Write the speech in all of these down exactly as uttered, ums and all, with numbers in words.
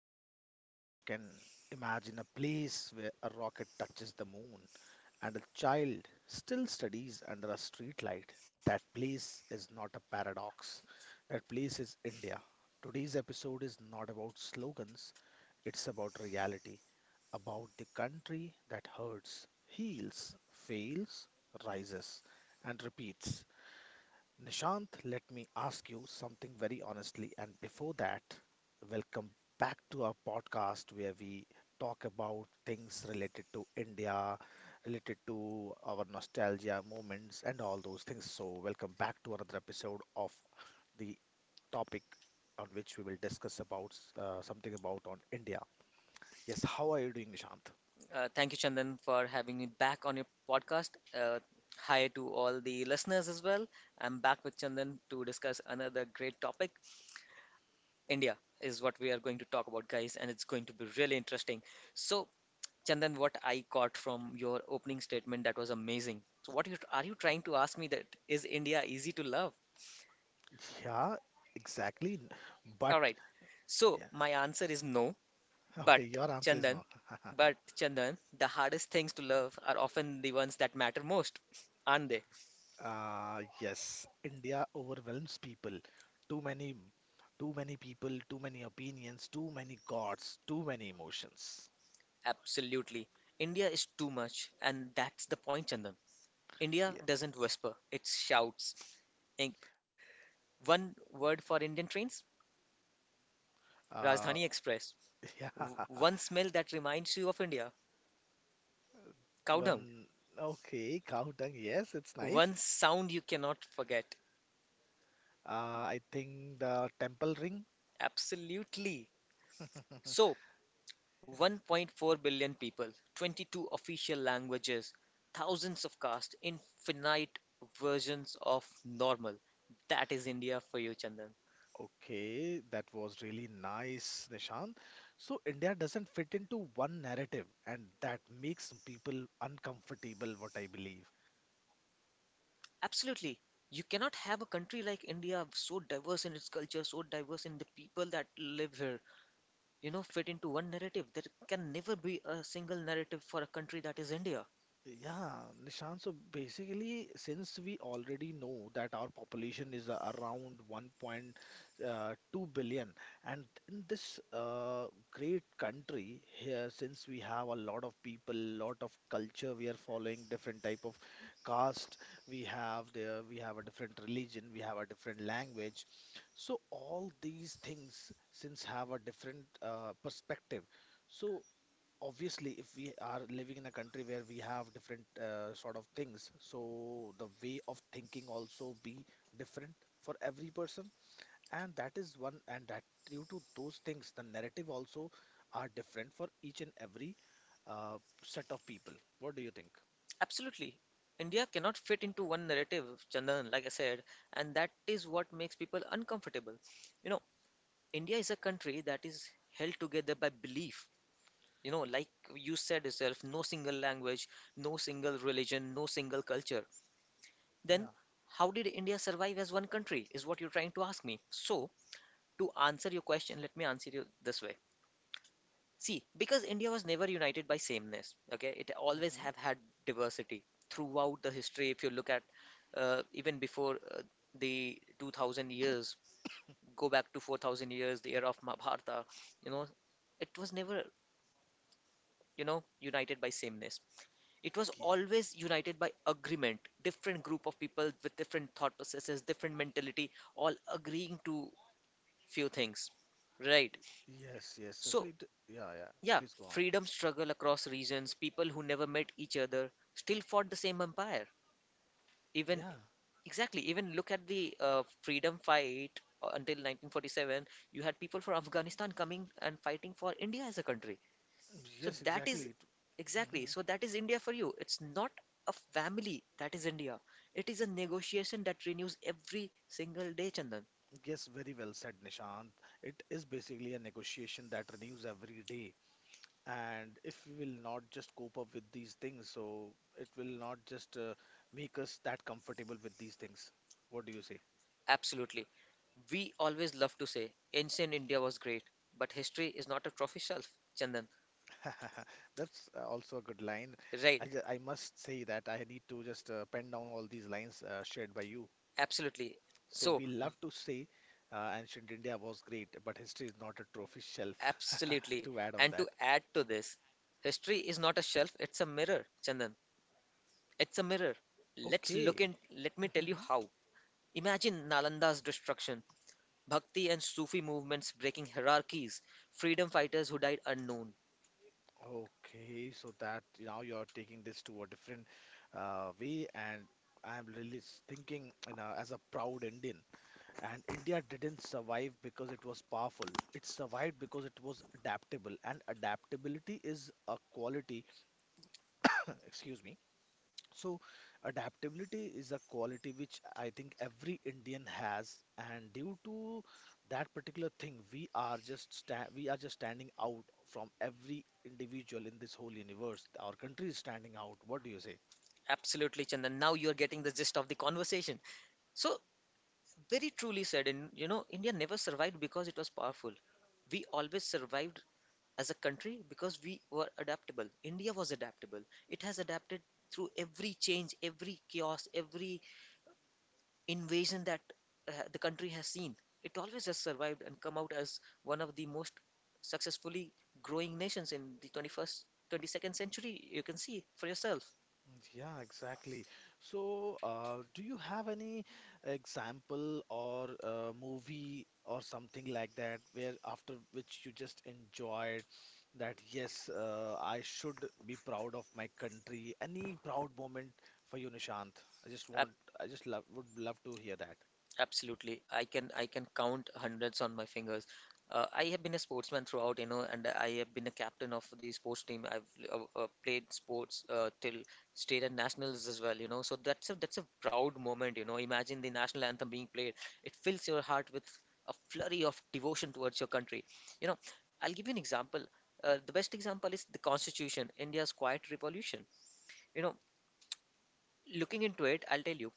eyes for a second. Imagine a place where a rocket touches the moon and a child still studies under a streetlight. That place is not a paradox. That place is India. Today's episode is not about slogans, it's about reality, about the country that hurts, heals, fails, rises, and repeats. Nishant, let me ask you something very honestly. And before that, welcome back to our podcast where we talk about things related to India, related to our nostalgia moments, and all those things. So, welcome back to another episode of the topic on which we will discuss about uh, something about on India. Yes, how are you doing, Nishant? Uh, thank you, Chandan, for having me back on your podcast. Uh, Hi to all the listeners as well. I'm back with Chandan to discuss another great topic. India is what we are going to talk about, guys, and it's going to be really interesting. So, Chandan, what I caught from your opening statement that was amazing. So, what you, are you trying to ask me that is India easy to love? Yeah, exactly. But All right. So, yeah, my answer is no, okay, but your answer is no. Chandan, but Chandan, the hardest things to love are often the ones that matter most, aren't they? Uh, yes, India overwhelms people. Too many, too many people, too many opinions, too many gods, too many emotions. Absolutely. India is too much, and that's the point, Chandan. Yeah. India doesn't whisper, it shouts. Inc. One word for Indian trains: Uh, Rajdhani Express. yeah. W- One smell that reminds you of India: cow dung. One. Okay, cow tongue. Yes, it's nice. One sound you cannot forget. Uh, I think the temple ring. Absolutely. So, one point four billion people, twenty-two official languages, thousands of castes, infinite versions of normal. That is India for you, Chandan. Okay, that was really nice, Nishant. So India doesn't fit into one narrative, and that makes people uncomfortable, what I believe. Absolutely. You cannot have a country like India so diverse in its culture, so diverse in the people that live here, you know, fit into one narrative. There can never be a single narrative for a country that is India. Yeah, Nishant, so basically, since we already know that our population is uh, around 1.2 billion, and in this uh, great country here, since we have a lot of people, lot of culture, we are following different type of caste, we have there, we have a different religion, we have a different language. So all these things, since have a different uh, perspective. So obviously, if we are living in a country where we have different uh, sort of things, so the way of thinking also be different for every person, and that is one, and that due to those things, the narrative also are different for each and every uh, set of people. What do you think? Absolutely. India cannot fit into one narrative, Chandan, like I said, and that is what makes people uncomfortable. You know, India is a country that is held together by belief. You know, like you said yourself, no single language, no single religion, no single culture. Then, Yeah. how did India survive as one country? Is what you're trying to ask me. So, to answer your question, let me answer you this way. See, because India was never united by sameness, okay, it always Hmm. have had diversity throughout the history. If you look at uh, even before uh, the two thousand years, go back to four thousand years, the era of Mahabharata, you know, it was never, you know, united by sameness. It was always united by agreement, different group of people with different thought processes, different mentality, all agreeing to few things, right? Yes, yes, so so So, it, yeah, yeah, yeah, please go on. freedom struggle across regions, people who never met each other still fought the same empire. Even Yeah, exactly, even look at the uh, freedom fight uh, until nineteen forty-seven you had people from Afghanistan coming and fighting for India as a country. So yes, that is exactly, it, exactly. mhm. So that is India for you. It's not a family, that is India. It is a negotiation that renews every single day, Chandan. Yes, very well said, Nishant. It is basically a negotiation that renews every day. And if we will not just cope up with these things, so it will not just uh, make us that comfortable with these things. What do you say? Absolutely. We always love to say ancient India was great, but history is not a trophy shelf, Chandan. That's uh, also a good line. Right. I, ju- I must say that I need to just uh, pen down all these lines uh, shared by you. Absolutely. So So, we love to say uh, ancient India was great, but history is not a trophy shelf. absolutely. To add on And to that. add to this, history is not a shelf, it's a mirror, Chandan. It's a mirror. Let's look Okay. in, let me tell you how. Imagine Nalanda's destruction, Bhakti and Sufi movements breaking hierarchies, freedom fighters who died unknown. Okay, so that now you're taking this to a different uh, way, and I'm really s- thinking, you know, as a proud Indian. And India didn't survive because it was powerful. It survived because it was adaptable, and adaptability is a quality, excuse me, so, adaptability is a quality which I think every Indian has, and due to that particular thing, we are just sta we are just standing out from every individual in this whole universe. Our country is standing out. What do you say? Absolutely, Chandan. Now you're getting the gist of the conversation. So, very truly said, and you know, India never survived because it was powerful. We always survived as a country because we were adaptable. India was adaptable. It has adapted through every change, every chaos, every invasion that uh, the country has seen. It always has survived and come out as one of the most successfully growing nations in the twenty-first, twenty-second century. You can see for yourself. Yeah, exactly. So, uh, do you have any example or uh movie or something like that where after which you just enjoyed that, yes, uh, I should be proud of my country? Any proud moment for you, Nishant? I just I want, I just love, would love to hear that. Absolutely. I can I can count hundreds on my fingers. Uh, I have been a sportsman throughout, you know, and I have been a captain of the sports team. I've uh, uh, played sports uh, till state and nationals as well, you know. So that's a that's a proud moment, you know. Imagine the national anthem being played. It fills your heart with a flurry of devotion towards your country. You know, I'll give you an example. Uh, the best example is the Constitution, India's quiet revolution. You know, looking into it, I'll tell you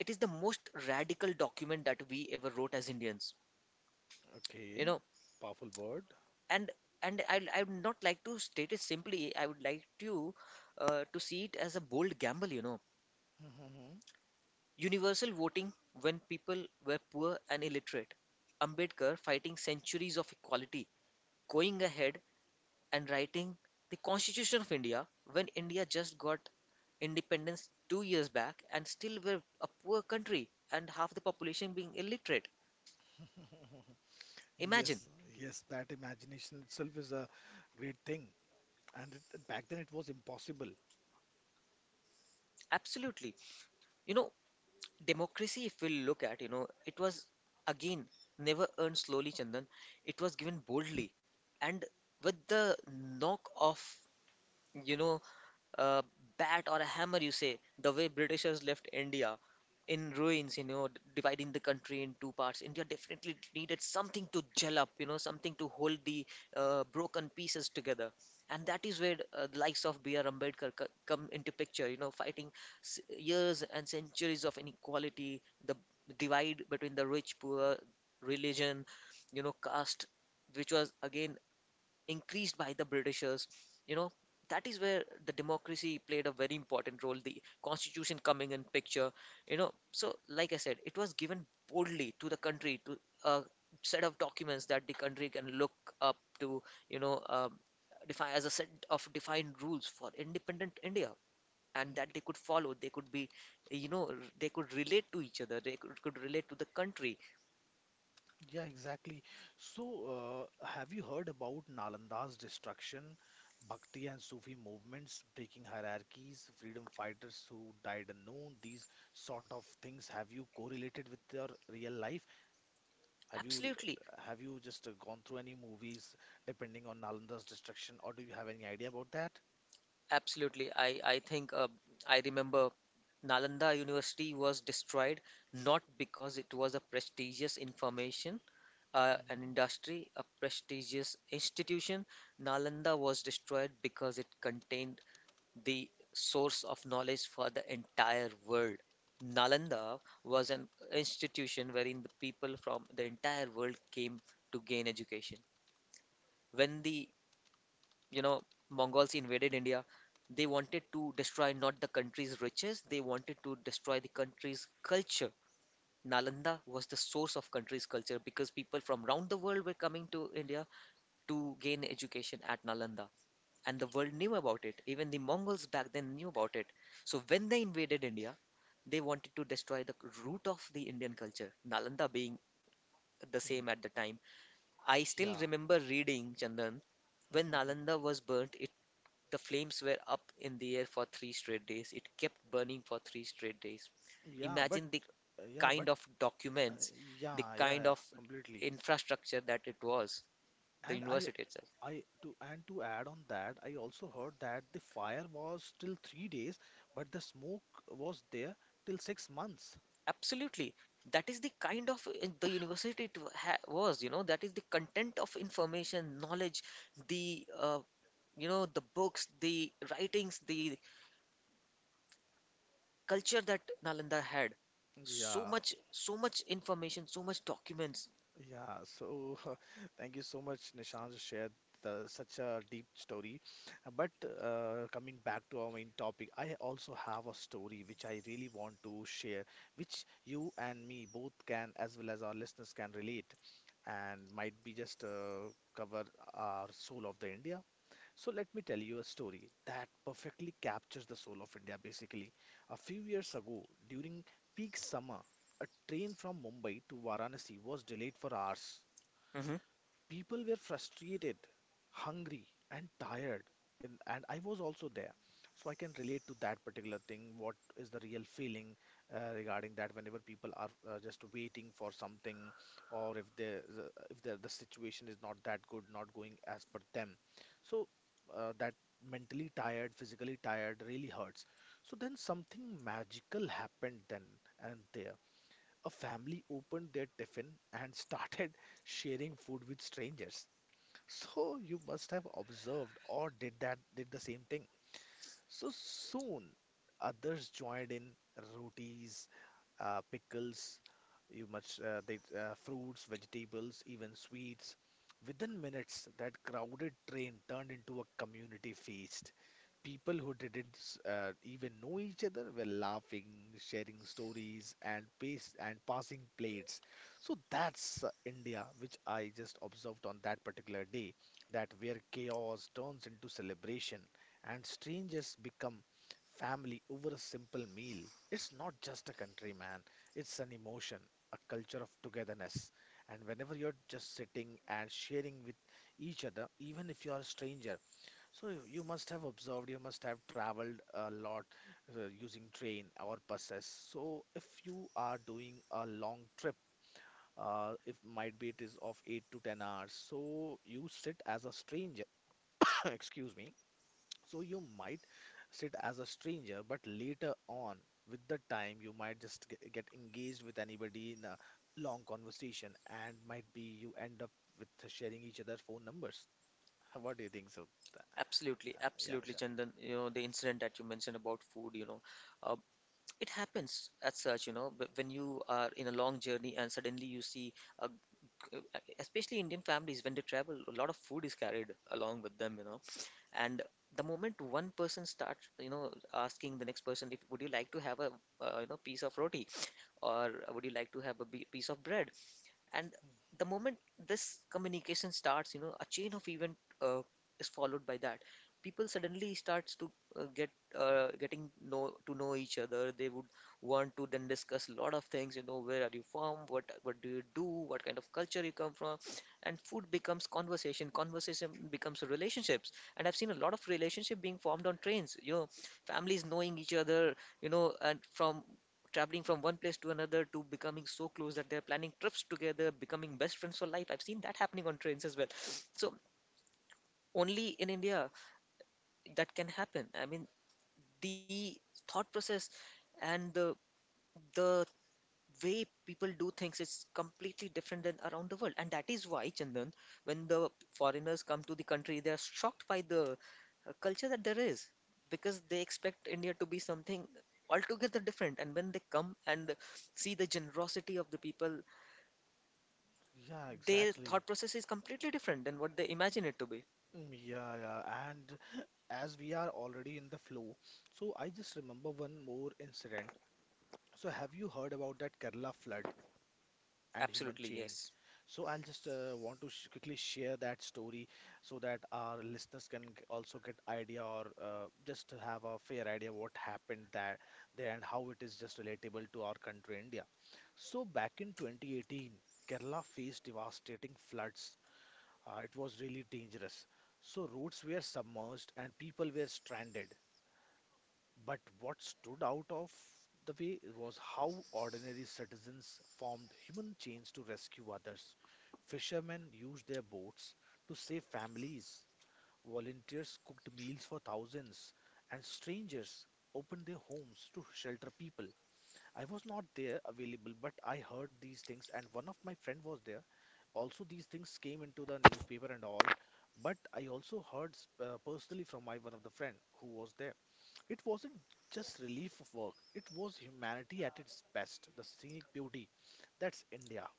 it is the most radical document that we ever wrote as Indians, you Okay, know. powerful word. And and I I would not like to state it simply. I would like to uh, to see it as a bold gamble, you know. Mhm. Universal voting when people were poor and illiterate. Ambedkar fighting centuries of equality, going ahead and writing the Constitution of India when India just got independence two years back and still were a poor country and half the population being illiterate. Imagine, Yes, yes, that imagination itself is a great thing. And it, back then it was impossible. absolutely. You know, democracy, if we look at, you know, it was again never earned slowly, Chandan. It was given boldly and with the knock of, you know, a bat or a hammer, you say, the way Britishers left India in ruins, you know, d- dividing the country in two parts. India definitely needed something to gel up, you know, something to hold the uh, broken pieces together. And that is where uh, the likes of B R. Ambedkar co- come into picture, you know, fighting s- years and centuries of inequality, the divide between the rich, poor, religion, you know, caste, which was again increased by the Britishers. You know, that is where the democracy played a very important role, the constitution coming in picture. You know, so like I said, it was given boldly to the country, to a set of documents that the country can look up to, you know, um, define as a set of defined rules for independent India, and that they could follow, they could be, you know, they could relate to each other, they could, could relate to the country Yeah, exactly. So, uh, have you heard about Nalanda's destruction, Bhakti and Sufi movements breaking hierarchies, freedom fighters who died unknown, these sort of things? Have you correlated with your real life? Have you absolutely. have you just uh, gone through any movies depending on Nalanda's destruction, or do you have any idea about that? Absolutely. I, I think uh, I remember Nalanda University was destroyed not because it was a prestigious information, uh, an Hmm. industry, a prestigious institution. Nalanda was destroyed because it contained the source of knowledge for the entire world. Nalanda was an institution wherein the people from the entire world came to gain education. When the, you know, Mongols invaded India, they wanted to destroy not the country's riches, they wanted to destroy the country's culture. Nalanda was the source of country's culture because people from around the world were coming to India to gain education at Nalanda. And the world knew about it. Even the Mongols back then knew about it. So when they invaded India, they wanted to destroy the root of the Indian culture, Nalanda being the same at the time. I still Yeah. remember reading, Chandan, when Nalanda was burnt, the flames were up in the air for three straight days. It kept burning for three straight days. Yeah, but Imagine the yeah, kind but of uh, documents, the yeah, yeah, kind of yeah, completely. infrastructure that it was, the And I university itself. I to and to add on that, I also heard that the fire was till three days, but the smoke was there till six months. Absolutely. That is the kind of uh, the university it ha was, you know, that is the content of information, knowledge, the uh, you know, the books, the writings, the culture that Nalanda had. So Yeah, much, so much information, so much documents. yeah. So thank you so much, Nishant, to share the, such a deep story. But uh, coming back to our main topic, I also have a story which I really want to share, which you and me both can, as well as our listeners can relate, and might be just uh, cover our soul of the India. So let me tell you a story that perfectly captures the soul of India basically. A few years ago, during peak summer, a train from Mumbai to Varanasi was delayed for hours. Mhm. People were frustrated, hungry, and tired. And, and I was also there. So I can relate to that particular thing. What is the real feeling uh, regarding that whenever people are uh, just waiting for something, or if there is a- if there, the situation is not that good, not going as per them. So uh, that mentally tired, physically tired really hurts. So then something magical happened then and there. A family opened their tiffin and started sharing food with strangers. So you must have observed or did that did the same thing. So soon, others joined in, rotis, uh, pickles, you much uh, they, uh, fruits, vegetables, even sweets. Within minutes, that crowded train turned into a community feast. People who didn't s- uh, even know each other were laughing, sharing stories, and pace and passing plates. So that's uh, India, which I just observed on that particular day, that where chaos turns into celebration and strangers become family over a simple meal. It's not just a country, man. It's an emotion, a culture of togetherness. And whenever you're just sitting and sharing with each other, even if you are a stranger, so you you must have observed, you must have traveled a lot uh, using train or buses. So if you are doing a long trip, uh, if might be it is of eight to ten hours, so you sit as a stranger. Excuse me, so you might sit as a stranger, but later on, with the time, you might just g- get engaged with anybody in a long conversation, and might be you end up with sharing each other's phone numbers. How- What do you think, so? Absolutely, Uh, yeah, absolutely, Nisha. Chandan. You know, the incident that you mentioned about food, you know, uh, it happens as such, you know, but when you are in a long journey and suddenly you see a g- uh, especially Indian families when they travel, a lot of food is carried along with them, you know. And the moment one person starts, you know, asking the next person, if would you like to have a uh, you know, piece of roti, or would you like to have a bi- piece of bread, and the moment this communication starts, you know, a chain of event, uh, is followed by that, people suddenly starts to uh, get uh, getting know to know each other. They would want to then discuss a lot of things, you know, where are you from, what what do you do, what kind of culture you come from, and food becomes conversation, conversation becomes relationships, and I've seen a lot of relationship being formed on trains, you know, families knowing each other, you know, and from traveling from one place to another to becoming so close that they're planning trips together, becoming best friends for life. I've seen that happening on trains as well. So only in India that can happen. I mean, the thought process and the the way people do things is completely different than around the world. And that is why, Chandan, when the foreigners come to the country, they are shocked by the uh, culture that there is, because they expect India to be something altogether different. And when they come and see the generosity of the people, Yeah, their exactly. thought process is completely different than what they imagine it to be. Mm, yeah, yeah, and as we are already in the flow, so I just remember one more incident. So have you heard about that Kerala flood and human Absolutely, chain? yes. So I'll just uh, want to sh quickly share that story so that our listeners can g- also get idea or uh, just to have a fair idea what happened that there and how it is just relatable to our country, India. So back in twenty eighteen, Kerala faced devastating floods. Uh, it was really dangerous. So roads were submerged and people were stranded. But what stood out of the way was how ordinary citizens formed human chains to rescue others. Fishermen used their boats to save families, volunteers cooked meals for thousands, and strangers opened their homes to shelter people. I was not there available, but I heard these things, and one of my friend was there. Also, these things came into the newspaper and all, but I also heard s- uh, personally from my one of the friend who was there. It wasn't just relief of work, it was humanity at its best, the scenic beauty. That's India.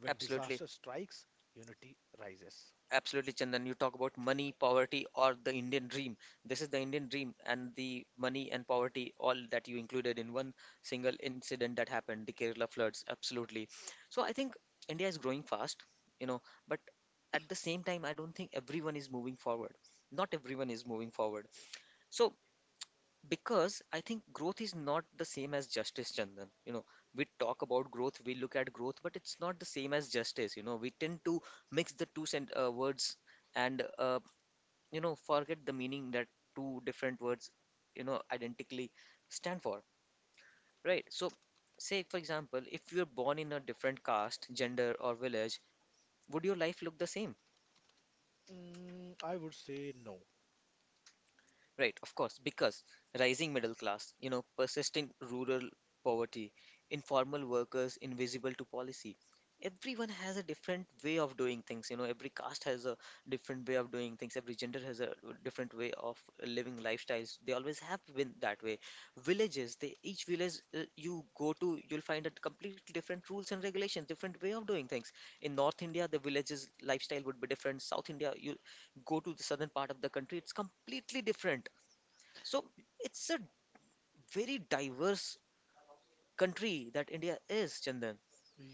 When Absolutely. disaster strikes, unity rises. Absolutely, Chandan. You talk about money, poverty, or the Indian dream. This is the Indian dream, and the money and poverty, all that you included in one single incident that happened, the Kerala floods. Absolutely. So I think India is growing fast, you know, but at the same time, I don't think everyone is moving forward. Not everyone is moving forward. So, because I think growth is not the same as justice, Chandan. You know, we talk about growth, we look at growth, but it's not the same as justice. You know, we tend to mix the two sen uh, words and uh, you know forget the meaning that two different words you know identically stand for, right? So, say for example, if you're born in a different caste, gender, or village, would your life look the same? Mm, I would say no. Right, of course, because rising middle class, you know, persistent rural poverty, informal workers invisible to policy. Everyone has a different way of doing things, you know, every caste has a different way of doing things, every gender has a different way of living lifestyles. They always have been that way. Villages, they each village uh, you go to, you'll find a completely different rules and regulations, different way of doing things. In North India, the villages lifestyle would be different. South India, you go to the southern part of the country, it's completely different. So it's a very diverse country that India is, Chandan.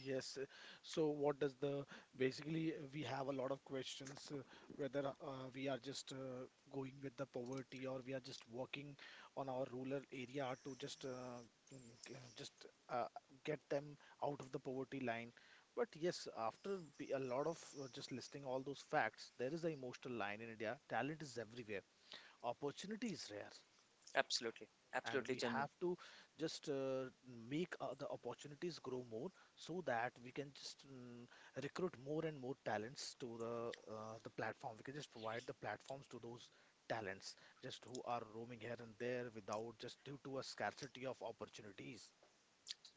Yes. uh, So what does the basically uh, we have a lot of questions, uh, whether uh, we are just uh, going with the poverty or we are just working on our rural area to just uh, mm, g- just uh, get them out of the poverty line. But yes, after be- a lot of uh, just listing all those facts, there is an emotional line in India. Talent is everywhere. Opportunity is rare Absolutely, and absolutely, we Chandan. have to just uh, make uh, the opportunities grow more so that we can just mm, recruit more and more talents to the uh, the platform. We can just provide the platforms to those talents just who are roaming here and there without just due to a scarcity of opportunities.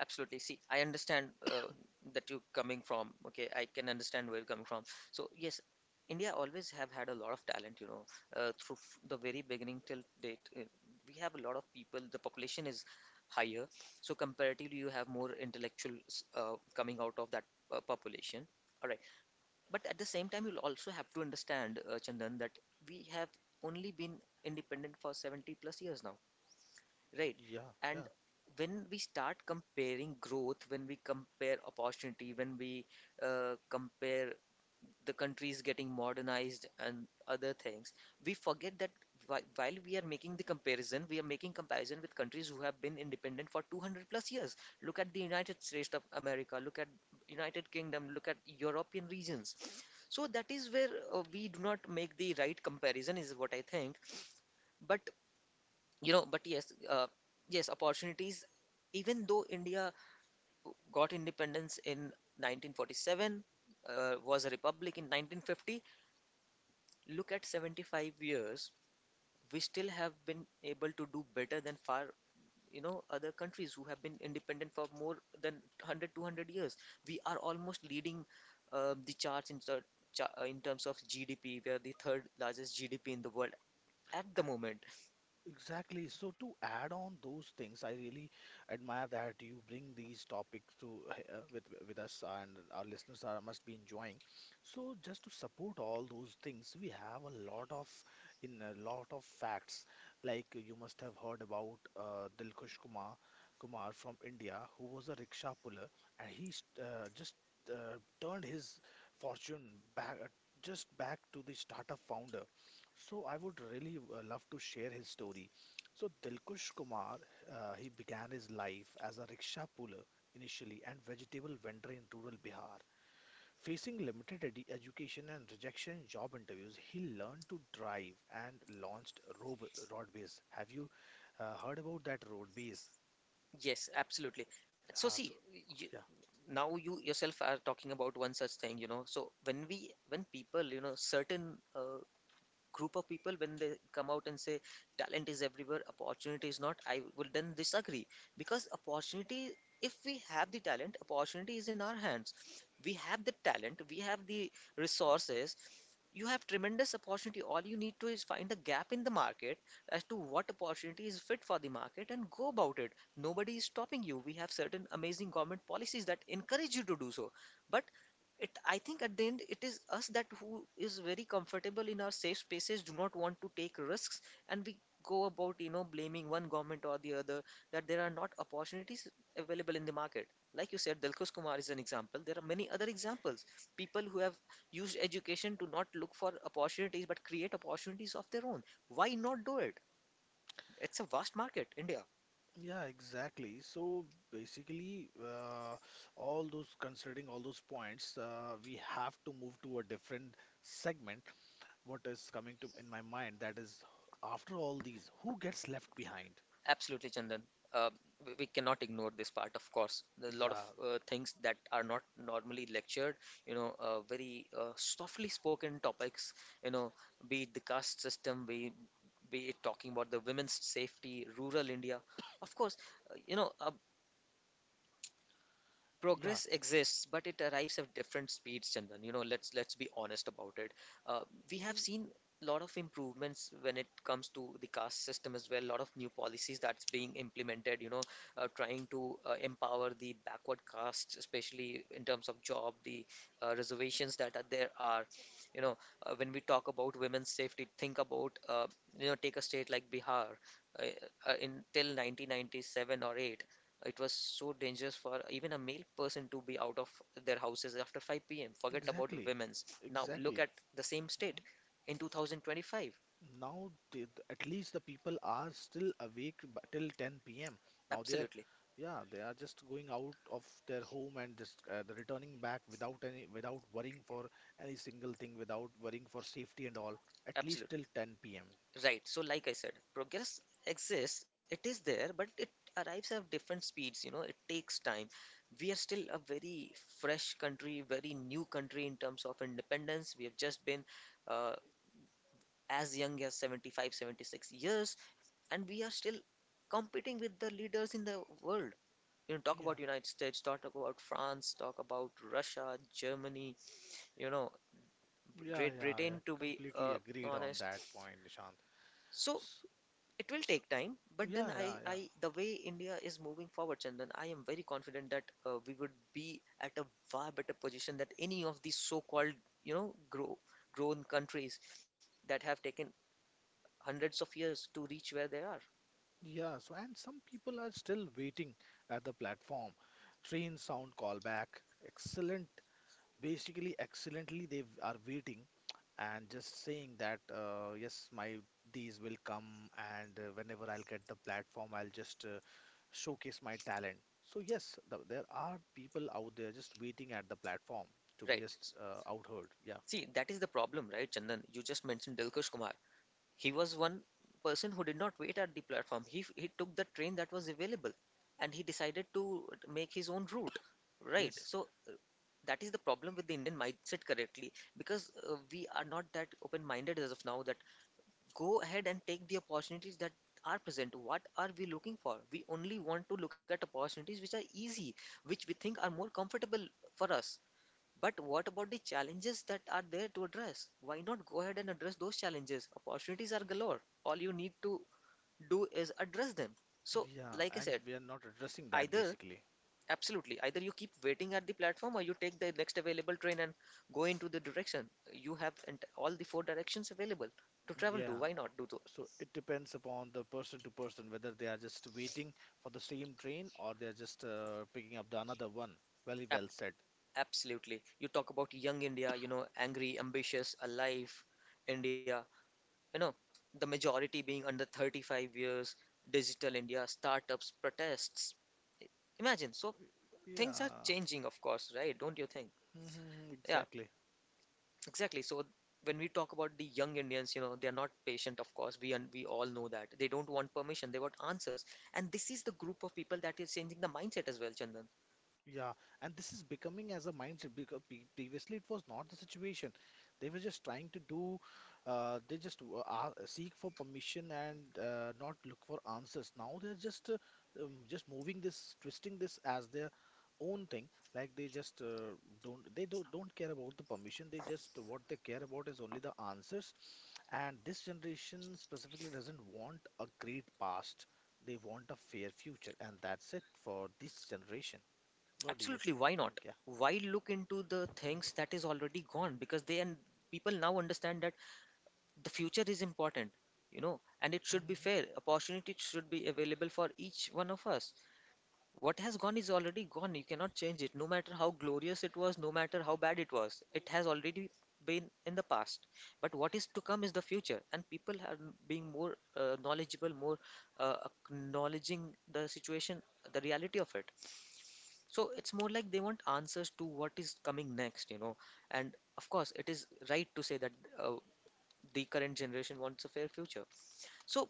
Absolutely. See, I understand uh, that you're coming from. Okay, I can understand where you're coming from. So yes, India always have had a lot of talent. You know, uh, through f- the very beginning till date, uh, we have a lot of people. The population is higher, so comparatively, you have more intellectuals uh, coming out of that uh, population. All right. But at the same time, you'll also have to understand, uh, Chandan, that we have only been independent for seventy plus years now, right? Yeah, yeah. And when we start comparing growth, when we compare opportunity, when we uh, compare the country is getting modernized and other things, we forget that whi- while we are making the comparison, we are making comparison with countries who have been independent for two hundred plus years. Look at the United States of America, look at United Kingdom, look at European regions. So that is where uh, we do not make the right comparison, is what I think. But you know, but yes, uh, yes, opportunities. Even though India got independence in nineteen forty-seven, uh, was a republic in nineteen fifty, look at seventy-five years, we still have been able to do better than far, you know, other countries who have been independent for more than one hundred, two hundred years. We are almost leading uh, the charts in, ter- cha- uh, in terms of G D P. We are the third largest G D P in the world at A- the moment. Exactly. So to add on those things, I really admire that you bring these topics to uh, with with us, and our listeners are must be enjoying. So just to support all those things, we have a lot of in a lot of facts. Like you must have heard about uh, Dilkhush Kumar Kumar from India, who was a rickshaw puller, and he st- uh, just uh, turned his fortune back uh, just back to the startup founder, so I would really uh, love to share his story. So Dilkush Kumar, uh, he began his life as a rickshaw puller initially and vegetable vendor in rural Bihar. Facing limited edu- education and rejection in job interviews, he learned to drive and launched Rob Rodbase. Have you uh, heard about that Rodbase? Yes, absolutely. So Uh, see, so you, yeah. now you yourself are talking about one such thing, you know. So when we, when people, you know, certain uh, group of people when they come out and say talent is everywhere, opportunity is not, I will then disagree, because opportunity, if we have the talent, opportunity is in our hands. We have the talent, we have the resources, you have tremendous opportunity. All you need to is find a gap in the market as to what opportunity is fit for the market and go about it. Nobody is stopping you. We have certain amazing government policies that encourage you to do so. But it, I think at the end, it is us that who is very comfortable in our safe spaces, do not want to take risks, and we go about, you know, blaming one government or the other that there are not opportunities available in the market. Like you said, Dilkhush Kumar is an example. There are many other examples. People who have used education to not look for opportunities but create opportunities of their own. Why not do it? It's a vast market, India. Yeah, exactly. So basically, uh, all those considering all those points, uh, we have to move to a different segment. What is coming to in my mind that is, after all these, who gets left behind? Absolutely, Chandan. Uh, w- we cannot ignore this part, of course. There's a lot of Yeah, uh, things that are not normally lectured, you know, uh, very uh, softly spoken topics, you know, be it the caste system, be, be it talking about the women's safety, rural India. Of course, uh, you know, uh, yeah, progress exists, but it arrives at different speeds, Chandan. You know, let's let's be honest about it. Uh, we have seen a lot of improvements when it comes to the caste system as well. A lot of new policies that's being implemented. You know, uh, trying to uh, empower the backward castes, especially in terms of job, the uh, reservations that are, there are. You know, uh, when we talk about women's safety, think about uh, you know, take a state like Bihar. Uh, uh, in till nineteen ninety-seven or eight, it was so dangerous for even a male person to be out of their houses after five p m. Forget about exactly. women's. Now look Exactly. at the same Mhm. state in two thousand twenty-five. Now they, at least the people are still awake b- till ten p m. Now they are, Absolutely, yeah, they are just going out of their home and just uh, they returning back without any without worrying for any single thing, without worrying for safety and all, at least absolutely. till ten p m. Right. So, like I said, progress exists, it is there, but it arrives at different speeds. You know, it takes time. We are still a very fresh country, very new country in terms of independence. We have just been uh, as young as seventy-five, seventy-six years, and we are still competing with the leaders in the world. You know, talk Yeah, about United States, talk about France, talk about Russia, Germany, you know, yeah, Great yeah, yeah. Britain, to be Completely uh, agreed on honest. that point, Nishant. So So, it will take time, but then yeah, i yeah, yeah. i the way India is moving forward, Chandan, I am very confident that uh, we would be at a far better position than any of these so called, you know, grow grown countries that have taken hundreds of years to reach where they are. Yeah, so and some people are still waiting at the platform. Train sound callback. Excellent. Basically, excellently, they w- are waiting and just saying that, uh, yes, my days will come, and uh, whenever I'll get the platform, I'll just uh, showcase my talent. So, yes, th there are people out there just waiting at the platform to be right just S- uh, outheard. Yeah, See, that is the problem, right, Chandan? You just mentioned Dilkesh Kumar. He was one person who did not wait at the platform. He f- he took the train that was available, and he decided to make his own route. Right. yes. So uh, that is the problem with the Indian mindset correctly, because uh, we are not that open-minded as of now that go ahead and take the opportunities that are present. What are we looking for? We only want to look at opportunities which are easy, which we think are more comfortable for us. But what about the challenges that are there to address? Why not go ahead and address those challenges? Opportunities are galore. All you need to do is address them. So, Yeah, like I and said, we are not addressing that either basically. absolutely, either you keep waiting at the platform or you take the next available train and go into the direction. You have all the four directions available to travel to. Yeah. Why not do so? So it depends upon the person to person whether they are just waiting for the same train or they are just uh, picking up the another one. Very well said. Absolutely. You talk about young India, you know, angry, ambitious, alive India. You know, the majority being under thirty-five years, Digital India, startups, protests. Imagine, so things are Yeah. changing, of course, right? Don't you think? hmm Yeah, exactly. exactly. So when we talk about the young Indians, you know, they are not patient, of course. We and we all know that. They don't want permission, they want answers. And this is the group of people that is changing the mindset as well, Chandan. Yeah, and this is becoming as a mindset because pre- previously it was not the situation. They were just trying to do, uh, they just w- uh, seek for permission and uh, not look for answers. Now they're just uh, um, just moving this, twisting this as their own thing. Like they just uh, don't, they don't don't care about the permission. They just, what they care about is only the answers. And this generation specifically doesn't want a great past. They want a fair future, and that's it for this generation. What do you Absolutely, why think? not? Yeah. Why look into the things that is already gone? Because they and people now understand that the future is important, you know, and it should be Mhm. fair, opportunity should be available for each one of us. What has gone is already gone, you cannot change it, no matter how glorious it was, no matter how bad it was, it has already been in the past. But what is to come is the future, and people are being more uh, knowledgeable, more uh, acknowledging the situation, the reality of it. So it's more like they want answers to what is coming next, you know, and of course it is right to say that uh, the current generation wants a fair future. So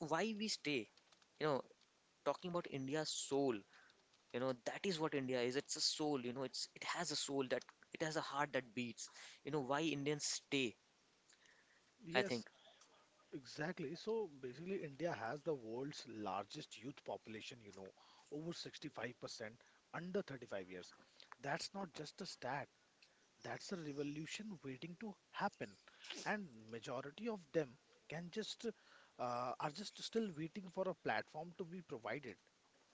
why we stay? You know, talking about India's soul, you know, that is what India is. It's a soul, you know, it's it has a soul, that it has a heart that beats. You know, why Indians stay, I think. Yes, exactly. So basically, India has the world's largest youth population, you know, over sixty-five percent under thirty-five years. That's not just a stat, that's a revolution waiting to happen. And majority of them can just uh, are just still waiting for a platform to be provided.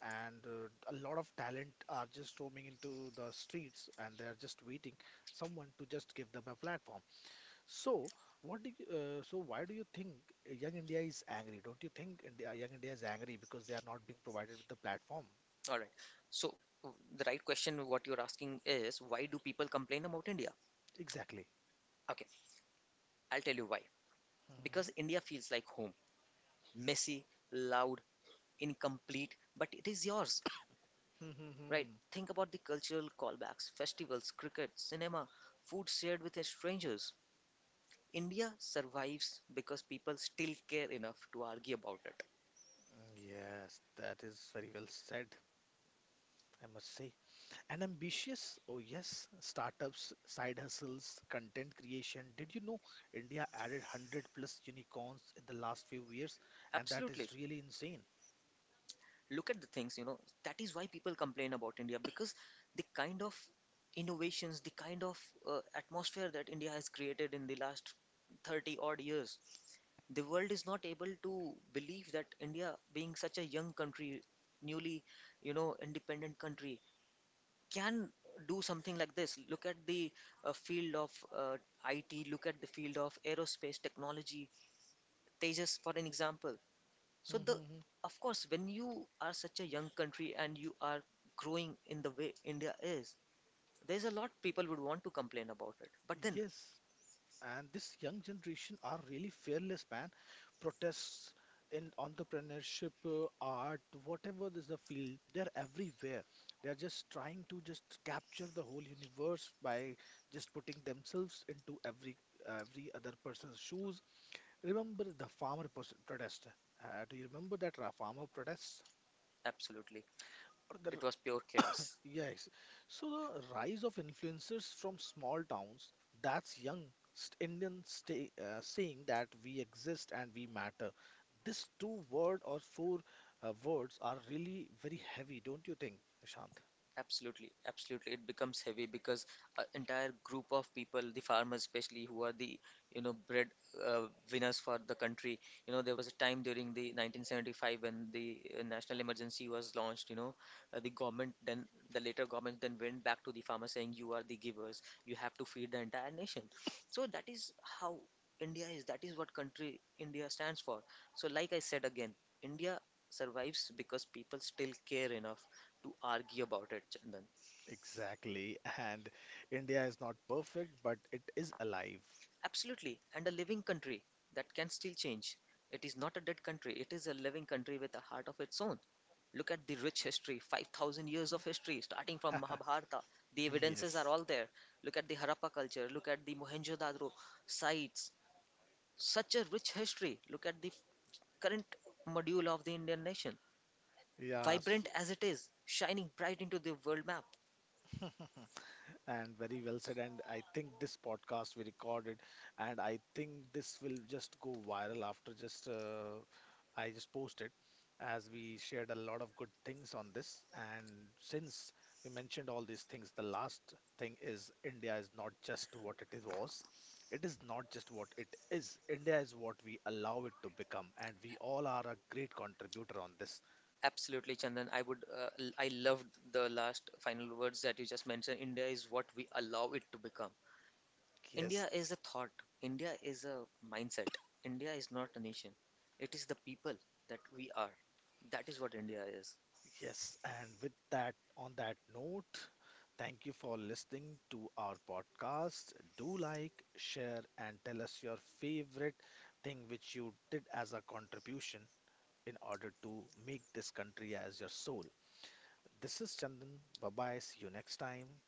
And uh, a lot of talent are just roaming into the streets and they're just waiting someone to just give them a platform. So, what do you, uh, so why do you think Young India is angry? Don't you think India, Young India is angry because they are not being provided with the platform? All right. So w- the right question what you're asking is why do people complain about India? Exactly. Okay, I'll tell you why. Because Mhm. India feels like home. Messy, loud, incomplete, but it is yours, right? Mm. Think about the cultural callbacks, festivals, cricket, cinema, food shared with strangers. India survives because people still care enough to argue about it. Yes, that is very well said, I must say. And ambitious, oh yes, startups, side hustles, content creation. Did you know India added one hundred plus unicorns in the last few years? And that Absolutely. is really insane. Look at the things, you know, that is why people complain about India, because the kind of innovations, the kind of uh, atmosphere that India has created in the last thirty odd years, the world is not able to believe that India, being such a young country, newly, you know, independent country, can do something like this. Look at the uh, field of uh, I T, look at the field of aerospace technology, Tejas for an example. So the, Mhm. of course, when you are such a young country and you are growing in the way India is, there's a lot people would want to complain about it. But then Yes. And this young generation are really fearless, man. Protests in entrepreneurship, uh, art, whatever is the field, they're everywhere. They're just trying to just capture the whole universe by just putting themselves into every every other person's shoes. Remember the farmer pers- protest, uh, do you remember that ra- farmer protest absolutely, or it the. was pure chaos. Yes. So the rise of influencers from small towns, that's young st- Indian stay, uh, saying that we exist and we matter. These two word or four uh, words are really very heavy, don't you think, Nishant? Absolutely, absolutely. It becomes heavy because an entire group of people, the farmers especially, who are the, you know, bread uh, winners for the country. You know, there was a time during the nineteen seventy-five when the uh, national emergency was launched. You know, uh, the government then the later government then went back to the farmers saying, "You are the givers. You have to feed the entire nation." So that is how India is. That is what country India stands for. So, like I said again, India survives because people still care enough to argue about it, Chandan. Exactly. And India is not perfect, but it is alive. Absolutely, and a living country that can still change. It is not a dead country, it is a living country with a heart of its own. Look at the rich history, five thousand years of history, starting from Mahabharata. The evidences are Yes. all there. Look at the Harappa culture, look at the Mohenjo Daro sites. Such a rich history. Look at the current module of the Indian nation. Yeah. Vibrant So as it is, shining bright into the world map. and very well said. And I think this podcast we recorded, and I think this will just go viral after just uh, I just posted, as we shared a lot of good things on this. And since we mentioned all these things, the last thing is India is not just what it is was. It is not just what it is. India is what we allow it to become, and we all are a great contributor on this. Absolutely, Chandan. I would, uh, l- I loved the last final words that you just mentioned. India is what we allow it to become. Yes, India is a thought. India is a mindset. India is not a nation. It is the people that we are. That is what India is. yes, and with that, on that note, thank you for listening to our podcast. Do like, share, and tell us your favorite thing which you did as a contribution in order to make this country as your soul. This is Chandan. Bye bye. See you next time.